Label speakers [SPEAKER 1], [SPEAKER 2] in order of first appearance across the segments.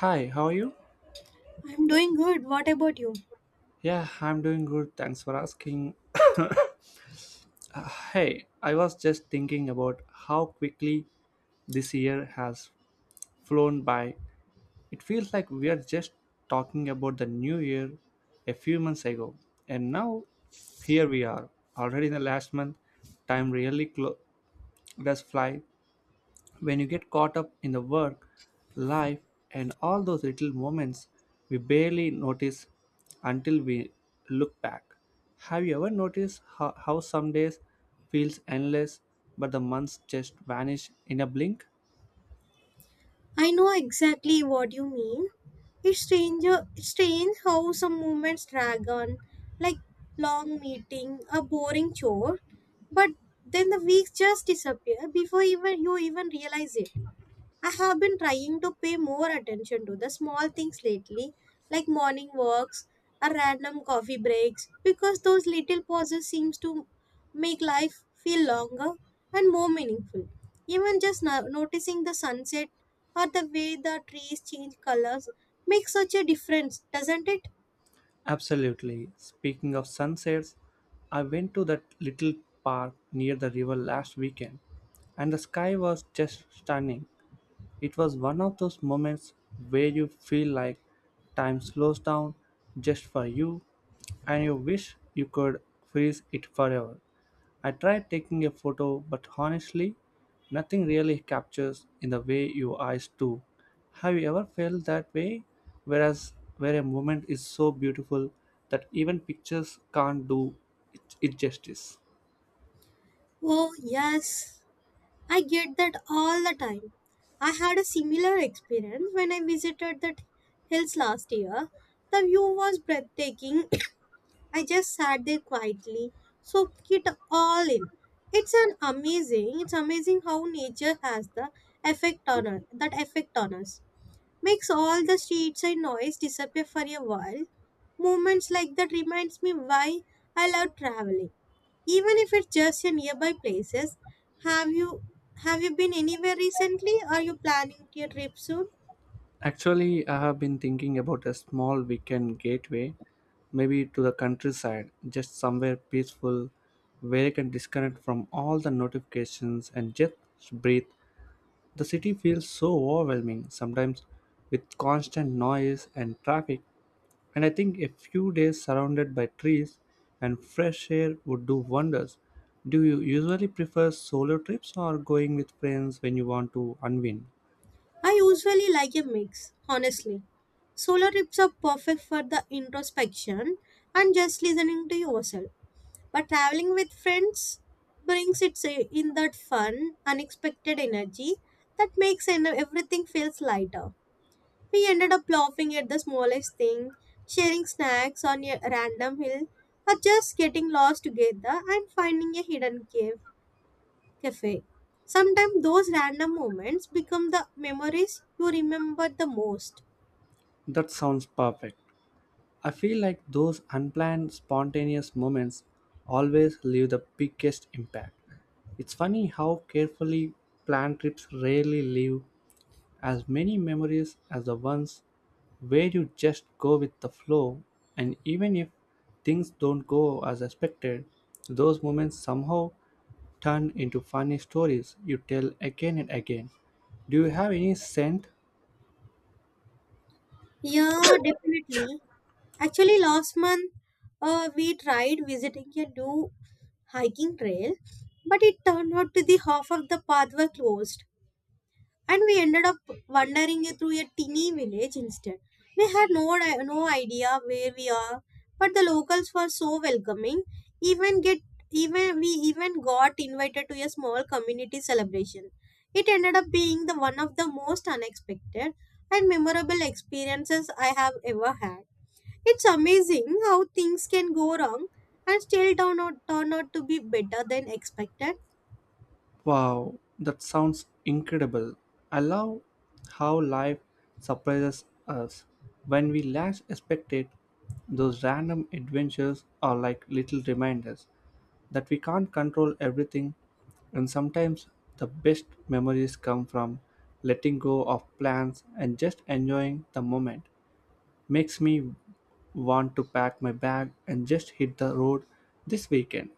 [SPEAKER 1] Hi, how are you?
[SPEAKER 2] I'm doing good. What about you?
[SPEAKER 1] Yeah, I'm doing good. Thanks for asking. Hey, I was just thinking about how quickly this year has flown by. It feels like we are just talking about the new year a few months ago. And now, here we are, already in the last month. Time really does fly. When you get caught up in the work, life, and all those little moments we barely notice until we look back. Have you ever noticed how some days feels endless but the months just vanish in a blink?
[SPEAKER 2] I know exactly what you mean. It's strange, it's strange how some moments drag on, like long meeting, a boring chore, but then the weeks just disappear before even you even realize it. I have been trying to pay more attention to the small things lately, like morning walks or random coffee breaks, because those little pauses seems to make life feel longer and more meaningful. Even just noticing the sunset or the way the trees change colors makes such a difference, doesn't it?
[SPEAKER 1] Absolutely. Speaking of sunsets, I went to that little park near the river last weekend and the sky was just stunning. It was one of those moments where you feel like time slows down just for you and you wish you could freeze it forever. I tried taking a photo, but honestly, nothing really captures in the way your eyes do. Have you ever felt that way? Whereas, where a moment is so beautiful that even pictures can't do it justice.
[SPEAKER 2] Oh, yes. I get that all the time. I had a similar experience when I visited the hills last year. The view was breathtaking. I just sat there quietly, soaked it all in. It's amazing how nature has the effect on us, that effect on us. Makes all the streets and noise disappear for a while. Moments like that reminds me why I love traveling even if it's just in nearby places. Have you have you been anywhere recently? Are you planning your trip soon?
[SPEAKER 1] Actually, I have been thinking about a small weekend gateway, maybe to the countryside, just somewhere peaceful where I can disconnect from all the notifications and just breathe. The city feels so overwhelming sometimes with constant noise and traffic, and I think a few days surrounded by trees and fresh air would do wonders. Do you usually prefer solo trips or going with friends when you want to unwind?
[SPEAKER 2] I usually like a mix, honestly. Solo trips are perfect for the introspection and just listening to yourself, but traveling with friends brings it in that fun unexpected energy that makes everything feels lighter. We ended up laughing at the smallest thing, sharing snacks on a random hill, or just getting lost together and finding a hidden cave cafe. Sometimes those random moments become the memories you remember the most.
[SPEAKER 1] That sounds perfect. I feel like those unplanned, spontaneous moments always leave the biggest impact. It's funny how carefully planned trips rarely leave as many memories as the ones where you just go with the flow, and even if things don't go as expected, those moments somehow turn into funny stories you tell again and again. Do you have any scent
[SPEAKER 2] Yeah, definitely. Actually, last month we tried visiting a new hiking trail, but it turned out to the half of the path were closed, and we ended up wandering through a teeny village instead. We had no idea where we are, but the locals were so welcoming. Even get even we even got invited to a small community celebration. It ended up being the one of the most unexpected and memorable experiences I have ever had. It's amazing how things can go wrong and still turn out to be better than expected.
[SPEAKER 1] Wow, that sounds incredible. I love how life surprises us when we last expect it. Those random adventures are like little reminders that we can't control everything, and sometimes the best memories come from letting go of plans and just enjoying the moment. Makes me want to pack my bag and just hit the road this weekend.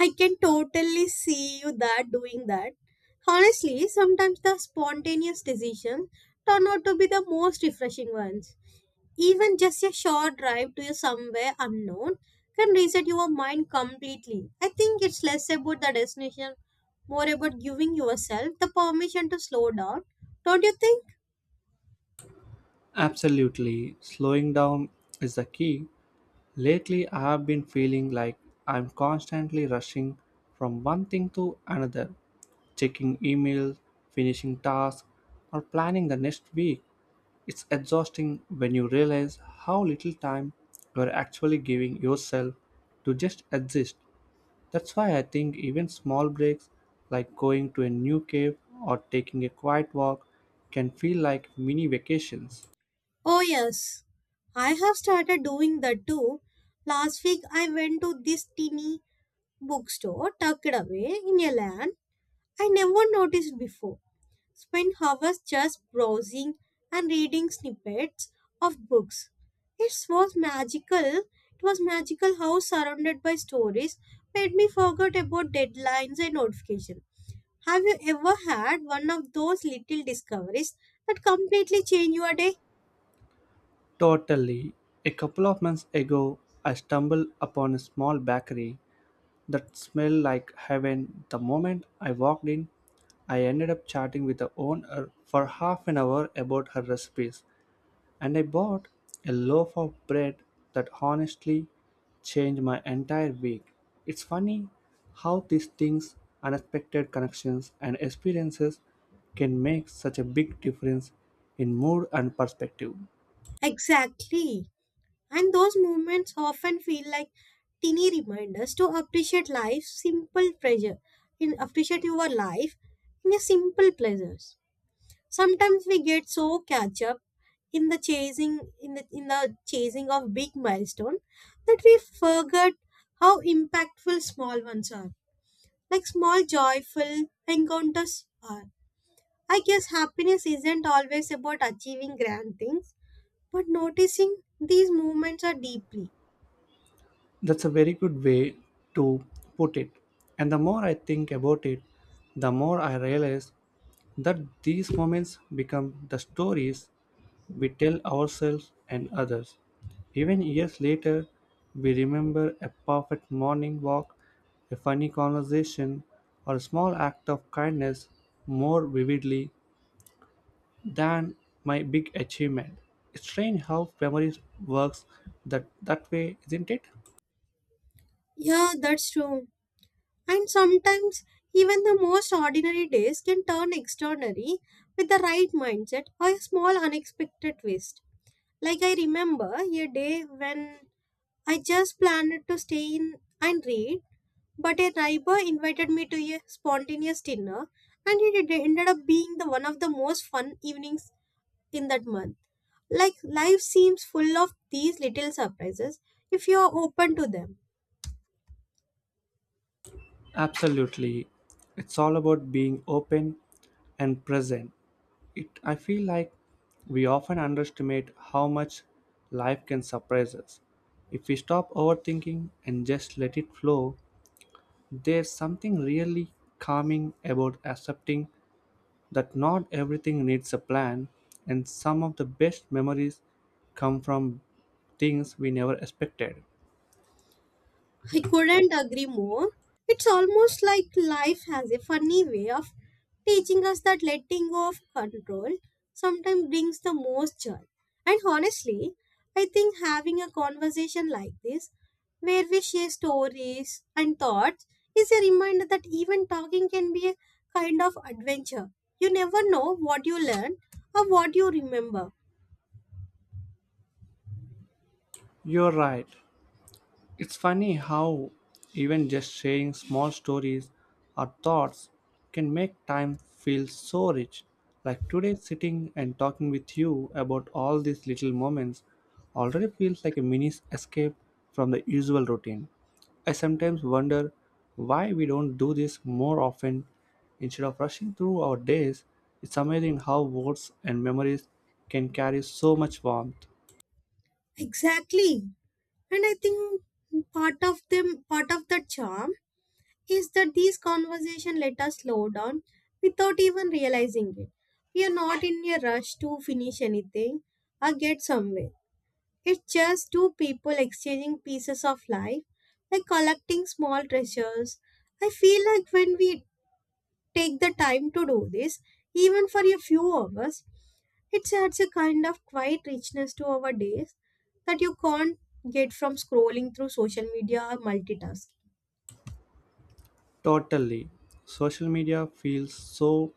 [SPEAKER 2] I can totally see you that doing that. Honestly, sometimes the spontaneous decisions turn out to be the most refreshing ones. Even just a short drive to somewhere unknown can reset your mind completely. I think it's less about the destination, more about giving yourself the permission to slow down. Don't you think?
[SPEAKER 1] Absolutely, slowing down is the key. Lately, I've been feeling like I'm constantly rushing from one thing to another, checking emails, finishing tasks, or planning the next week. It's exhausting when you realize how little time you're actually giving yourself to just exist. That's why I think even small breaks like going to a new cave or taking a quiet walk can feel like mini vacations.
[SPEAKER 2] Oh, yes. I have started doing that too. Last week I went to this teeny bookstore tucked away in a land I never noticed before. Spend hours just browsing and reading snippets of books. It was magical. It was magical how surrounded by stories made me forget about deadlines and notifications. Have you ever had one of those little discoveries that completely change your day?
[SPEAKER 1] Totally. A couple of months ago, I stumbled upon a small bakery that smelled like heaven. The moment I walked in, I ended up chatting with the owner for half an hour about her recipes, and I bought a loaf of bread that honestly changed my entire week. It's funny how these things, unexpected connections, and experiences can make such a big difference in mood and perspective.
[SPEAKER 2] Exactly. And those moments often feel like teeny reminders to appreciate life's simple pleasure, in appreciate your life in a simple pleasures. Sometimes we get so catch up in the chasing of big milestone that we forget how impactful small ones are. Like small joyful encounters are. I guess happiness isn't always about achieving grand things, but noticing these moments are deeply.
[SPEAKER 1] That's a very good way to put it. And the more I think about it, the more I realize that these moments become the stories we tell ourselves and others. Even years later, we remember a perfect morning walk, a funny conversation, or a small act of kindness more vividly than my big achievement. It's strange how memory works that way, isn't it?
[SPEAKER 2] Yeah, that's true. And sometimes even the most ordinary days can turn extraordinary with the right mindset or a small unexpected twist. Like I remember a day when I just planned to stay in and read, but a neighbor invited me to a spontaneous dinner, and it ended up being the one of the most fun evenings in that month. Like life seems full of these little surprises if you are open to them.
[SPEAKER 1] Absolutely. It's all about being open and present. It I feel like we often underestimate how much life can surprise us. If we stop overthinking and just let it flow, there's something really calming about accepting that not everything needs a plan and some of the best memories come from things we never expected.
[SPEAKER 2] I couldn't agree more. It's almost like life has a funny way of teaching us that letting go of control sometimes brings the most joy. And honestly, I think having a conversation like this, where we share stories and thoughts, is a reminder that even talking can be a kind of adventure. You never know what you learn or what you remember.
[SPEAKER 1] You're right. It's funny how even just sharing small stories or thoughts can make time feel so rich. Like today, sitting and talking with you about all these little moments already feels like a mini escape from the usual routine. I sometimes wonder why we don't do this more often instead of rushing through our days. It's amazing how words and memories can carry so much warmth.
[SPEAKER 2] Exactly. And I think part of the charm is that these conversations let us slow down without even realizing it. We are not in a rush to finish anything or get somewhere. It's just two people exchanging pieces of life, like collecting small treasures. I feel like when we take the time to do this, even for a few hours, it adds a kind of quiet richness to our days that you can't get from scrolling through social media or multitasking.
[SPEAKER 1] Totally. Social media feels so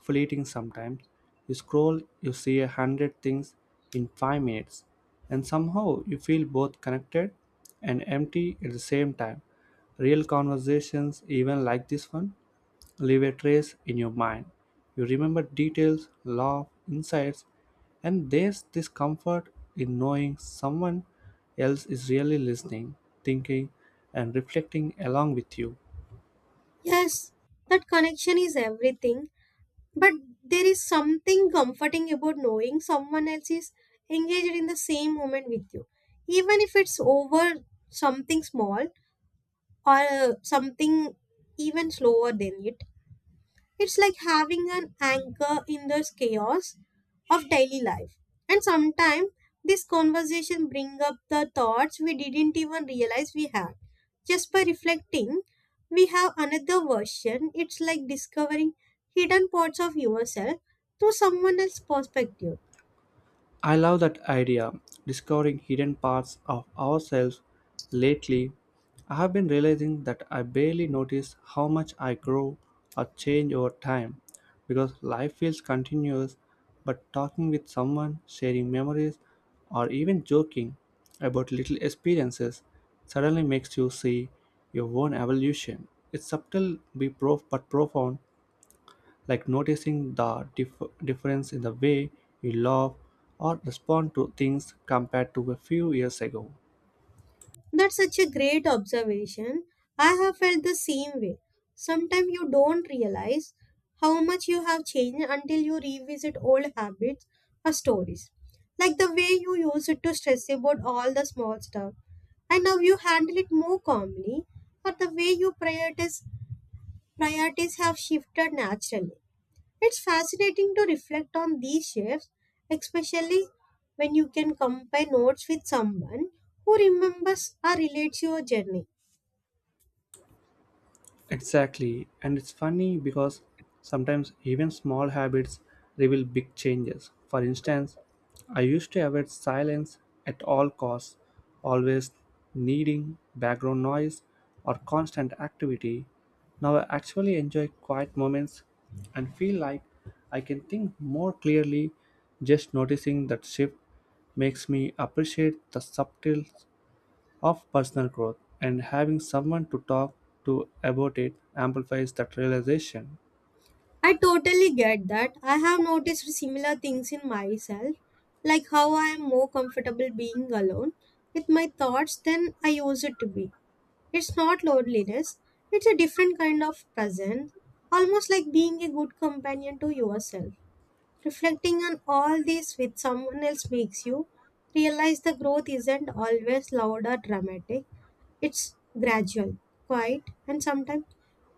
[SPEAKER 1] fleeting sometimes. You scroll, you see 100 things in 5 minutes, and somehow you feel both connected and empty at the same time. Real conversations, even like this one, leave a trace in your mind. You remember details, love, insights, and there's this comfort in knowing someone else is really listening, thinking, and reflecting along with you.
[SPEAKER 2] Yes, that connection is everything. But there is something comforting about knowing someone else is engaged in the same moment with you. Even if it's over something small or something even slower than it, it's like having an anchor in the chaos of daily life. And sometimes this conversation bring up the thoughts we didn't even realize we had. Just by reflecting, we have another version. It's like discovering hidden parts of yourself through someone else's perspective.
[SPEAKER 1] I love that idea, discovering hidden parts of ourselves. Lately, I have been realizing that I barely notice how much I grow or change over time because life feels continuous. But talking with someone, sharing memories, or even joking about little experiences suddenly makes you see your own evolution. It's subtle but profound, like noticing the difference in the way you love or respond to things compared to a few years ago.
[SPEAKER 2] That's such a great observation. I have felt the same way. Sometimes you don't realize how much you have changed until you revisit old habits or stories. Like the way you used to stress about all the small stuff, and now you handle it more calmly, or the way you priorities have shifted naturally. It's fascinating to reflect on these shifts, especially when you can compare notes with someone who remembers or relates your journey.
[SPEAKER 1] Exactly. And it's funny because sometimes even small habits reveal big changes. For instance, I used to avoid silence at all costs, always needing background noise or constant activity. Now I actually enjoy quiet moments and feel like I can think more clearly. Just noticing that shift makes me appreciate the subtle of personal growth, and having someone to talk to about it amplifies that realization.
[SPEAKER 2] I totally get that. I have noticed similar things in myself, like how I am more comfortable being alone with my thoughts than I used to be. It's not loneliness, it's a different kind of presence, almost like being a good companion to yourself. Reflecting on all this with someone else makes you realize the growth isn't always loud or dramatic. It's gradual, quiet, and sometimes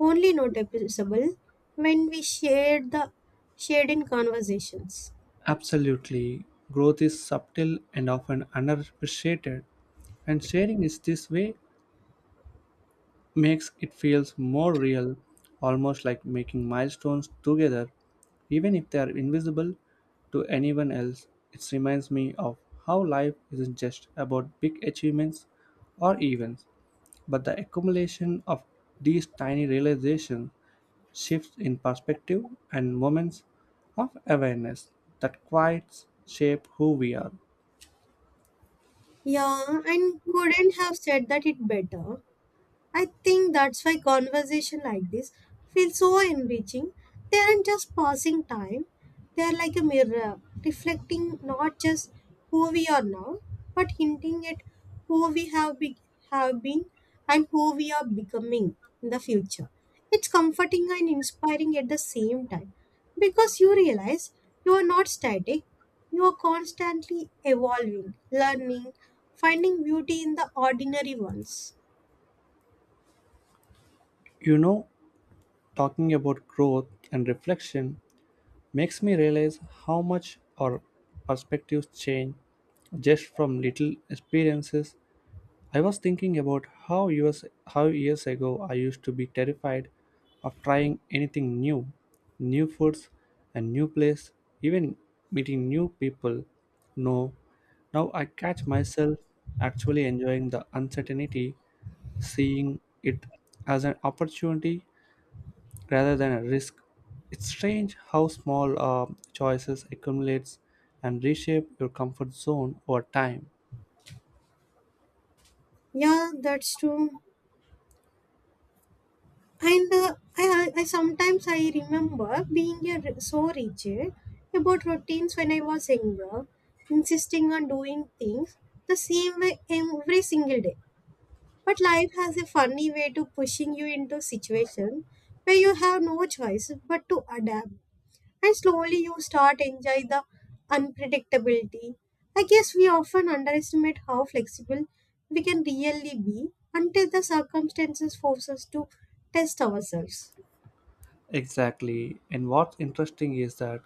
[SPEAKER 2] only noticeable when we shared in conversations.
[SPEAKER 1] Absolutely, growth is subtle and often underappreciated, and sharing is this way makes it feels more real, almost like making milestones together, even if they are invisible to anyone else. It reminds me of how life isn't just about big achievements or events, but the accumulation of these tiny realizations, shifts in perspective, and moments of awareness that quite shape who we are.
[SPEAKER 2] Yeah, and couldn't have said that it better. I think that's why conversation like this feels so enriching. They aren't just passing time. They are like a mirror, reflecting not just who we are now, but hinting at who we have been and who we are becoming in the future. It's comforting and inspiring at the same time because you realize you are not static. You are constantly evolving, learning, finding beauty in the ordinary ones.
[SPEAKER 1] You know, talking about growth and reflection makes me realize how much our perspectives change just from little experiences. I was thinking about how years ago I used to be terrified of trying anything new, new foods, a new place, even meeting new people. No, now I catch myself actually enjoying the uncertainty, seeing it as an opportunity rather than a risk. It's strange how small choices accumulates and reshape your comfort zone over time.
[SPEAKER 2] Yeah, that's true. And I sometimes I remember being a so rigid about routines when I was younger, insisting on doing things the same way every single day. But life has a funny way to pushing you into situations where you have no choice but to adapt, and slowly you start enjoy the unpredictability. I guess we often underestimate how flexible we can really be until the circumstances force us to test ourselves.
[SPEAKER 1] Exactly. And what's interesting is that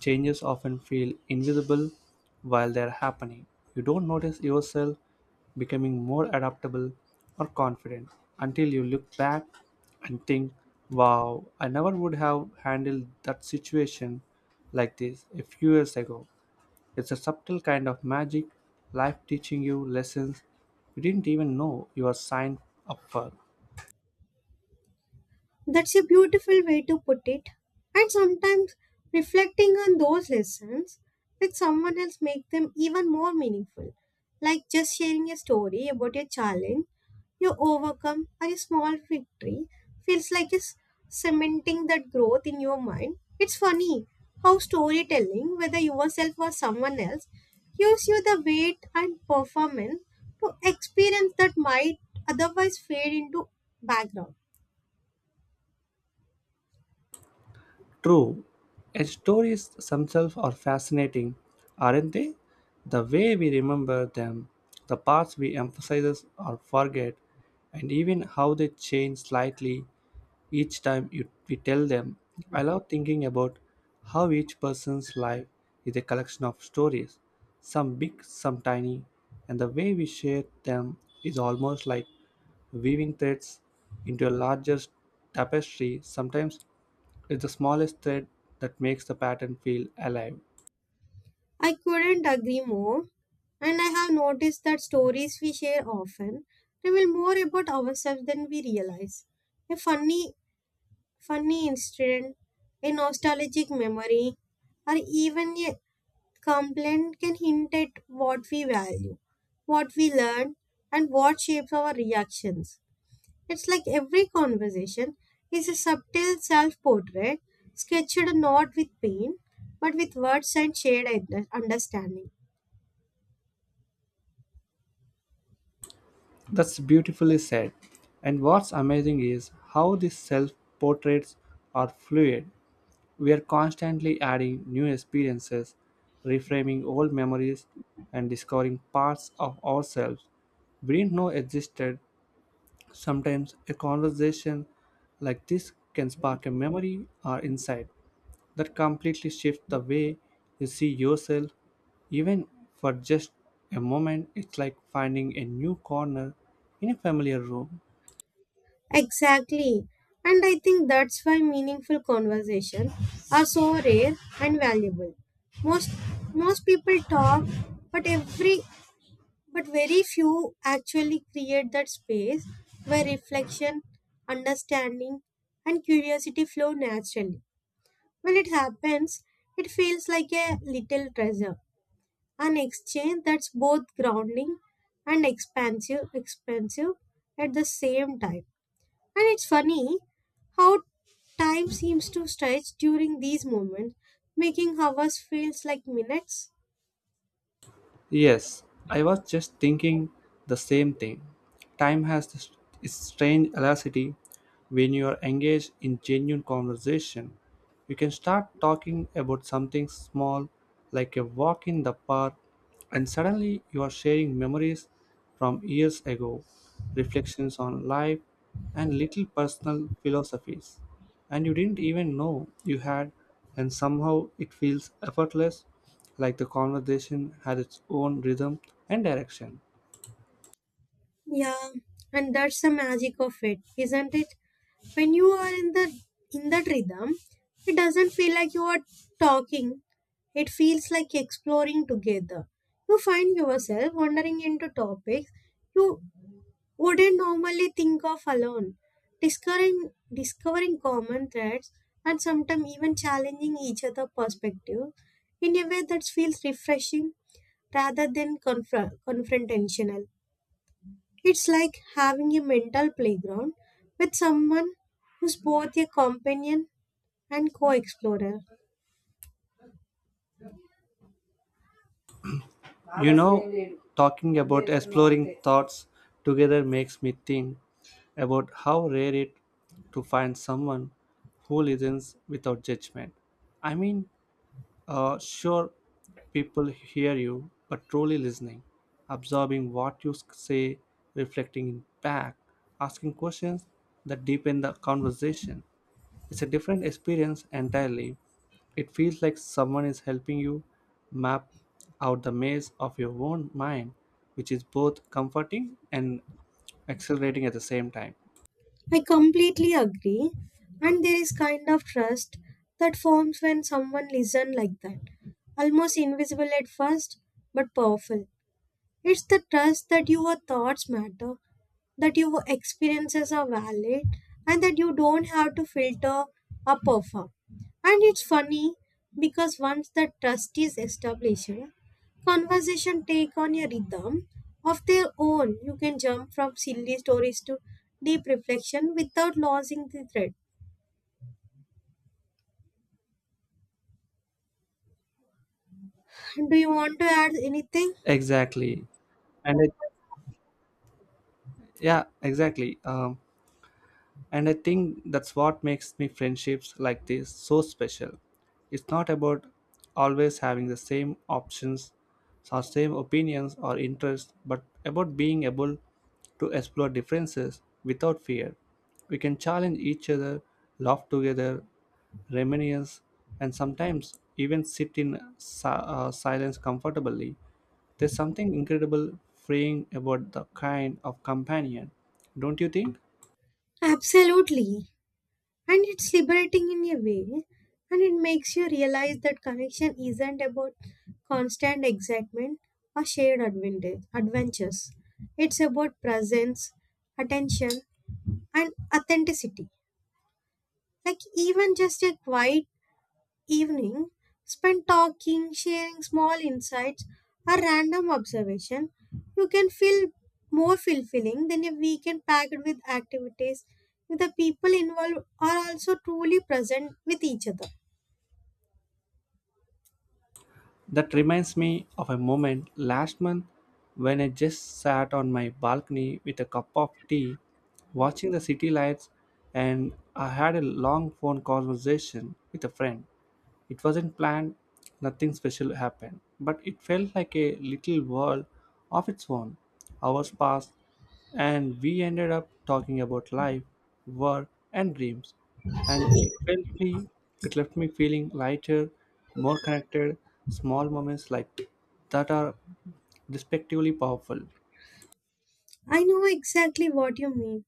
[SPEAKER 1] changes often feel invisible while they're happening. You don't notice yourself becoming more adaptable or confident until you look back and think, wow, I never would have handled that situation like this a few years ago. It's a subtle kind of magic, life teaching you lessons you didn't even know you were signed up for.
[SPEAKER 2] That's a beautiful way to put it. And sometimes reflecting on those lessons with someone else make them even more meaningful. Like just sharing a story about a challenge you overcome or a small victory feels like it's cementing that growth in your mind. It's funny how storytelling, whether yourself or someone else, gives you the weight and performance to experience that might otherwise fade into background.
[SPEAKER 1] True, its stories themselves are fascinating, aren't they? The way we remember them, the parts we emphasize or forget, and even how they change slightly each time we tell them. I love thinking about how each person's life is a collection of stories, some big, some tiny, and the way we share them is almost like weaving threads into a larger tapestry. Sometimes it's the smallest thread that makes the pattern feel alive.
[SPEAKER 2] I couldn't agree more, and I have noticed that stories we share often reveal more about ourselves than we realize. A funny incident, a nostalgic memory, or even a complaint can hint at what we value, what we learn, and what shapes our reactions. It's like every conversation is a subtle self portrait, sketched not with pain, but with words and shared understanding.
[SPEAKER 1] That's beautifully said. And what's amazing is how these self portraits are fluid. We are constantly adding new experiences, reframing old memories, and discovering parts of ourselves we didn't know existed. Sometimes a conversation like this can spark a memory or insight that completely shifts the way you see yourself. Even for just a moment, it's like finding a new corner in a familiar room.
[SPEAKER 2] Exactly. And I think that's why meaningful conversations are so rare and valuable. Most most people talk, but every but very few actually create that space where reflection, understanding and curiosity flow naturally. When it happens, it feels like a little treasure. An exchange that's both grounding and expansive at the same time. And it's funny how time seems to stretch during these moments, making hours feels like minutes.
[SPEAKER 1] Yes, I was just thinking the same thing. Time has this strange elasticity when you are engaged in genuine conversation. You can start talking about something small like a walk in the park, and suddenly you are sharing memories from years ago, reflections on life, and little personal philosophies. And you didn't even know you had, and somehow it feels effortless, like the conversation has its own rhythm and direction.
[SPEAKER 2] Yeah, and that's the magic of it, isn't it? When you are in that rhythm, it doesn't feel like you are talking. It feels like exploring together. You find yourself wandering into topics you wouldn't normally think of alone. Discovering common threads and sometimes even challenging each other' perspective in a way that feels refreshing rather than confrontational. It's like having a mental playground with someone who's both a companion and co explorer.
[SPEAKER 1] You know, talking about exploring thoughts together makes me think about how rare it to find someone who listens without judgment. I mean, sure, people hear you, but truly listening, absorbing what you say, reflecting back, asking questions that deepen the conversation. It's a different experience entirely. It feels like someone is helping you map out the maze of your own mind, which is both comforting and exhilarating at the same time.
[SPEAKER 2] I completely agree. And there is kind of trust that forms when someone listens like that. Almost invisible at first, but powerful. It's the trust that your thoughts matter, that your experiences are valid, and that you don't have to filter or perform. And it's funny because once that trust is established, conversation take on a rhythm of their own. You can jump from silly stories to deep reflection without losing the thread. Do you want to add anything?
[SPEAKER 1] Exactly. And it, yeah, exactly. And I think that's what makes me friendships like this so special. It's not about always having the same options or same opinions or interests, but about being able to explore differences without fear. We can challenge each other, laugh together, reminisce, and sometimes even sit in silence comfortably. There's something incredible freeing about the kind of companion, don't you think?
[SPEAKER 2] Absolutely. And it's liberating in a way, and it makes you realize that connection isn't about constant excitement or shared adventures. It's about presence, attention, and authenticity. Like even just a quiet evening spent talking, sharing small insights or random observation, you can feel more fulfilling than a weekend packed with activities if the people involved are also truly present with each other.
[SPEAKER 1] That reminds me of a moment last month when I just sat on my balcony with a cup of tea, watching the city lights, and I had a long phone conversation with a friend. It wasn't planned, nothing special happened, but it felt like a little world of its own. Hours passed, and we ended up talking about life, work, and dreams. And it left me feeling lighter, more connected. Small moments like that are respectively powerful.
[SPEAKER 2] I know exactly what you mean.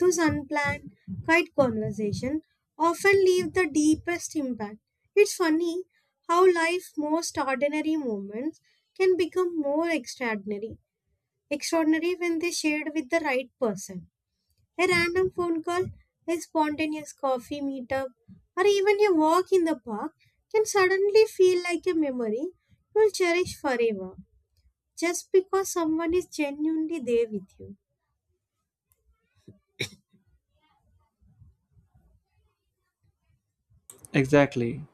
[SPEAKER 2] Those unplanned, quiet conversations often leave the deepest impact. It's funny how life's most ordinary moments can become more extraordinary when they shared with the right person. A random phone call, a spontaneous coffee meetup, or even a walk in the park can suddenly feel like a memory you will cherish forever just because someone is genuinely there with you.
[SPEAKER 1] Exactly.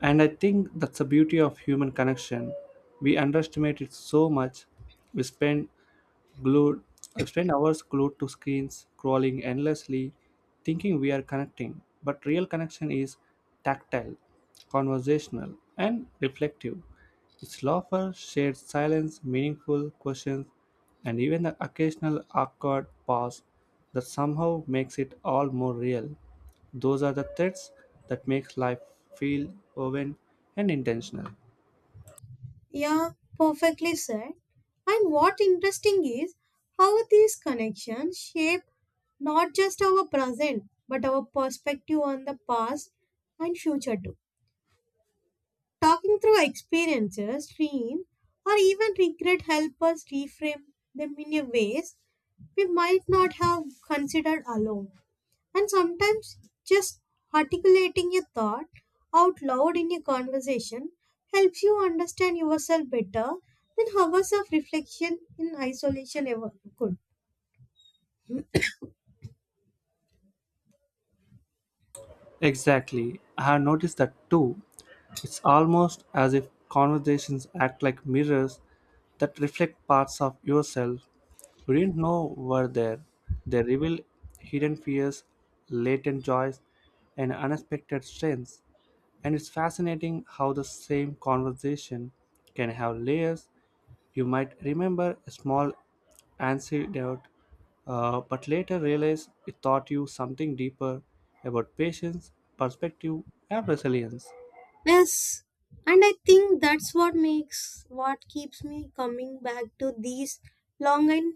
[SPEAKER 1] And I think that's the beauty of human connection. We underestimate it so much. We spend glued I've spent hours glued to screens, crawling endlessly, thinking we are connecting. But real connection is tactile, conversational, and reflective. It's laughter, shared silence, meaningful questions, and even the occasional awkward pause that somehow makes it all more real. Those are the threads that makes life feel woven and intentional.
[SPEAKER 2] Yeah, perfectly said. And what interesting is how these connections shape not just our present but our perspective on the past and future too. Talking through experiences, dream, or even regret help us reframe them in a ways we might not have considered alone. And sometimes just articulating a thought out loud in a conversation helps you understand yourself better than hours of reflection in isolation ever could.
[SPEAKER 1] Exactly. I have noticed that too. It's almost as if conversations act like mirrors that reflect parts of yourself you didn't know were there. They reveal hidden fears, latent joys, and unexpected strengths. And it's fascinating how the same conversation can have layers you might remember a small anecdote, but later realize it taught you something deeper about patience, perspective, and resilience.
[SPEAKER 2] Yes. And I think that's what makes what keeps me coming back to these long and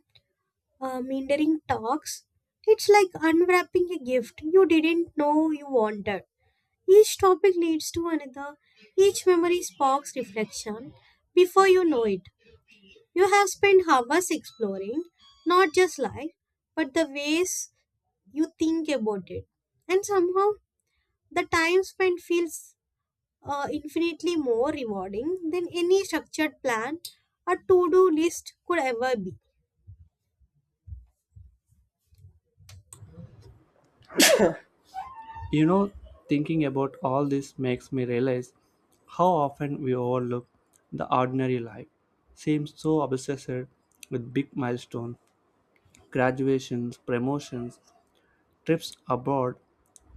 [SPEAKER 2] meandering talks. It's like unwrapping a gift you didn't know you wanted. Each topic leads to another, each memory sparks reflection. Before you know it, you have spent hours exploring not just life, but the ways you think about it. And somehow, the time spent feels infinitely more rewarding than any structured plan or to do list could ever be.
[SPEAKER 1] You know, thinking about all this makes me realize how often we overlook the ordinary life. Seems so obsessed with big milestones, graduations, promotions, trips abroad,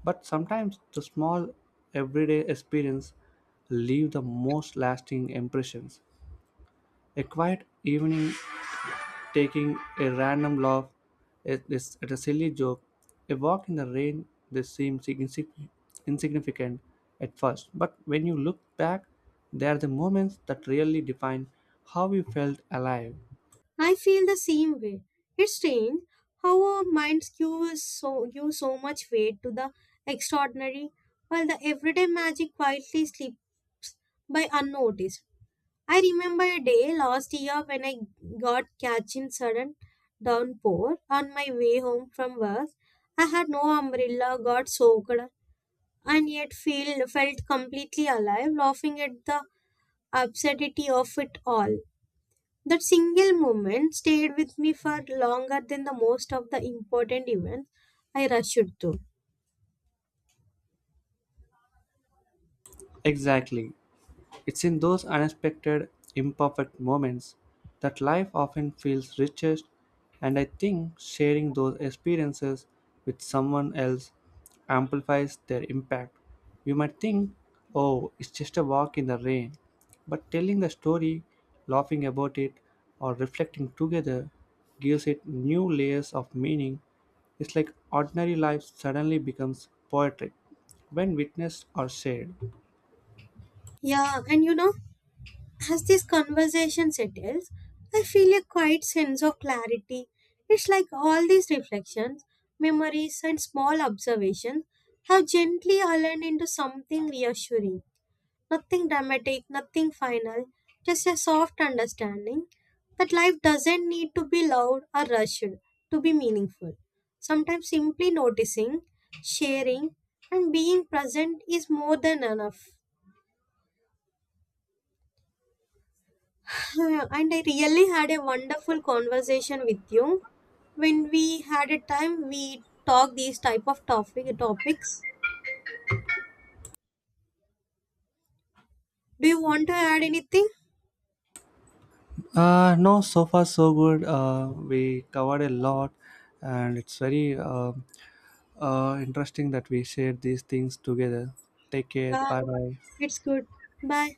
[SPEAKER 1] but sometimes the small everyday experience leave the most lasting impressions. A quiet evening taking a random laugh at a silly joke, a walk in the rain they seem insignificant at first, but when you look back, they are the moments that really define how you felt alive.
[SPEAKER 2] I feel the same way. It's strange how our minds give so much weight to the extraordinary, while the everyday magic quietly slips by unnoticed. I remember a day last year when I got catch in sudden downpour on my way home from work. I had no umbrella, got soaked, and yet felt completely alive, laughing at the absurdity of it all. That single moment stayed with me for longer than the most of the important events I rushed to.
[SPEAKER 1] Exactly. It's in those unexpected, imperfect moments that life often feels richest, and I think sharing those experiences with someone else amplifies their impact. You might think, oh, it's just a walk in the rain, but telling the story, laughing about it, or reflecting together gives it new layers of meaning. It's like ordinary life suddenly becomes poetic when witnessed or shared.
[SPEAKER 2] Yeah, and you know, as this conversation settles, I feel a quiet sense of clarity. It's like all these reflections, memories, and small observations have gently aligned into something reassuring. Nothing dramatic, nothing final, just a soft understanding that life doesn't need to be loud or rushed to be meaningful. Sometimes simply noticing, sharing, and being present is more than enough. And I really had a wonderful conversation with you when we had a time we talk these type of topics. Do you want to add anything?
[SPEAKER 1] No, so far so good. We covered a lot, and it's very interesting that we shared these things together. Take care.
[SPEAKER 2] Yeah,
[SPEAKER 1] Bye bye.
[SPEAKER 2] it's good. Bye.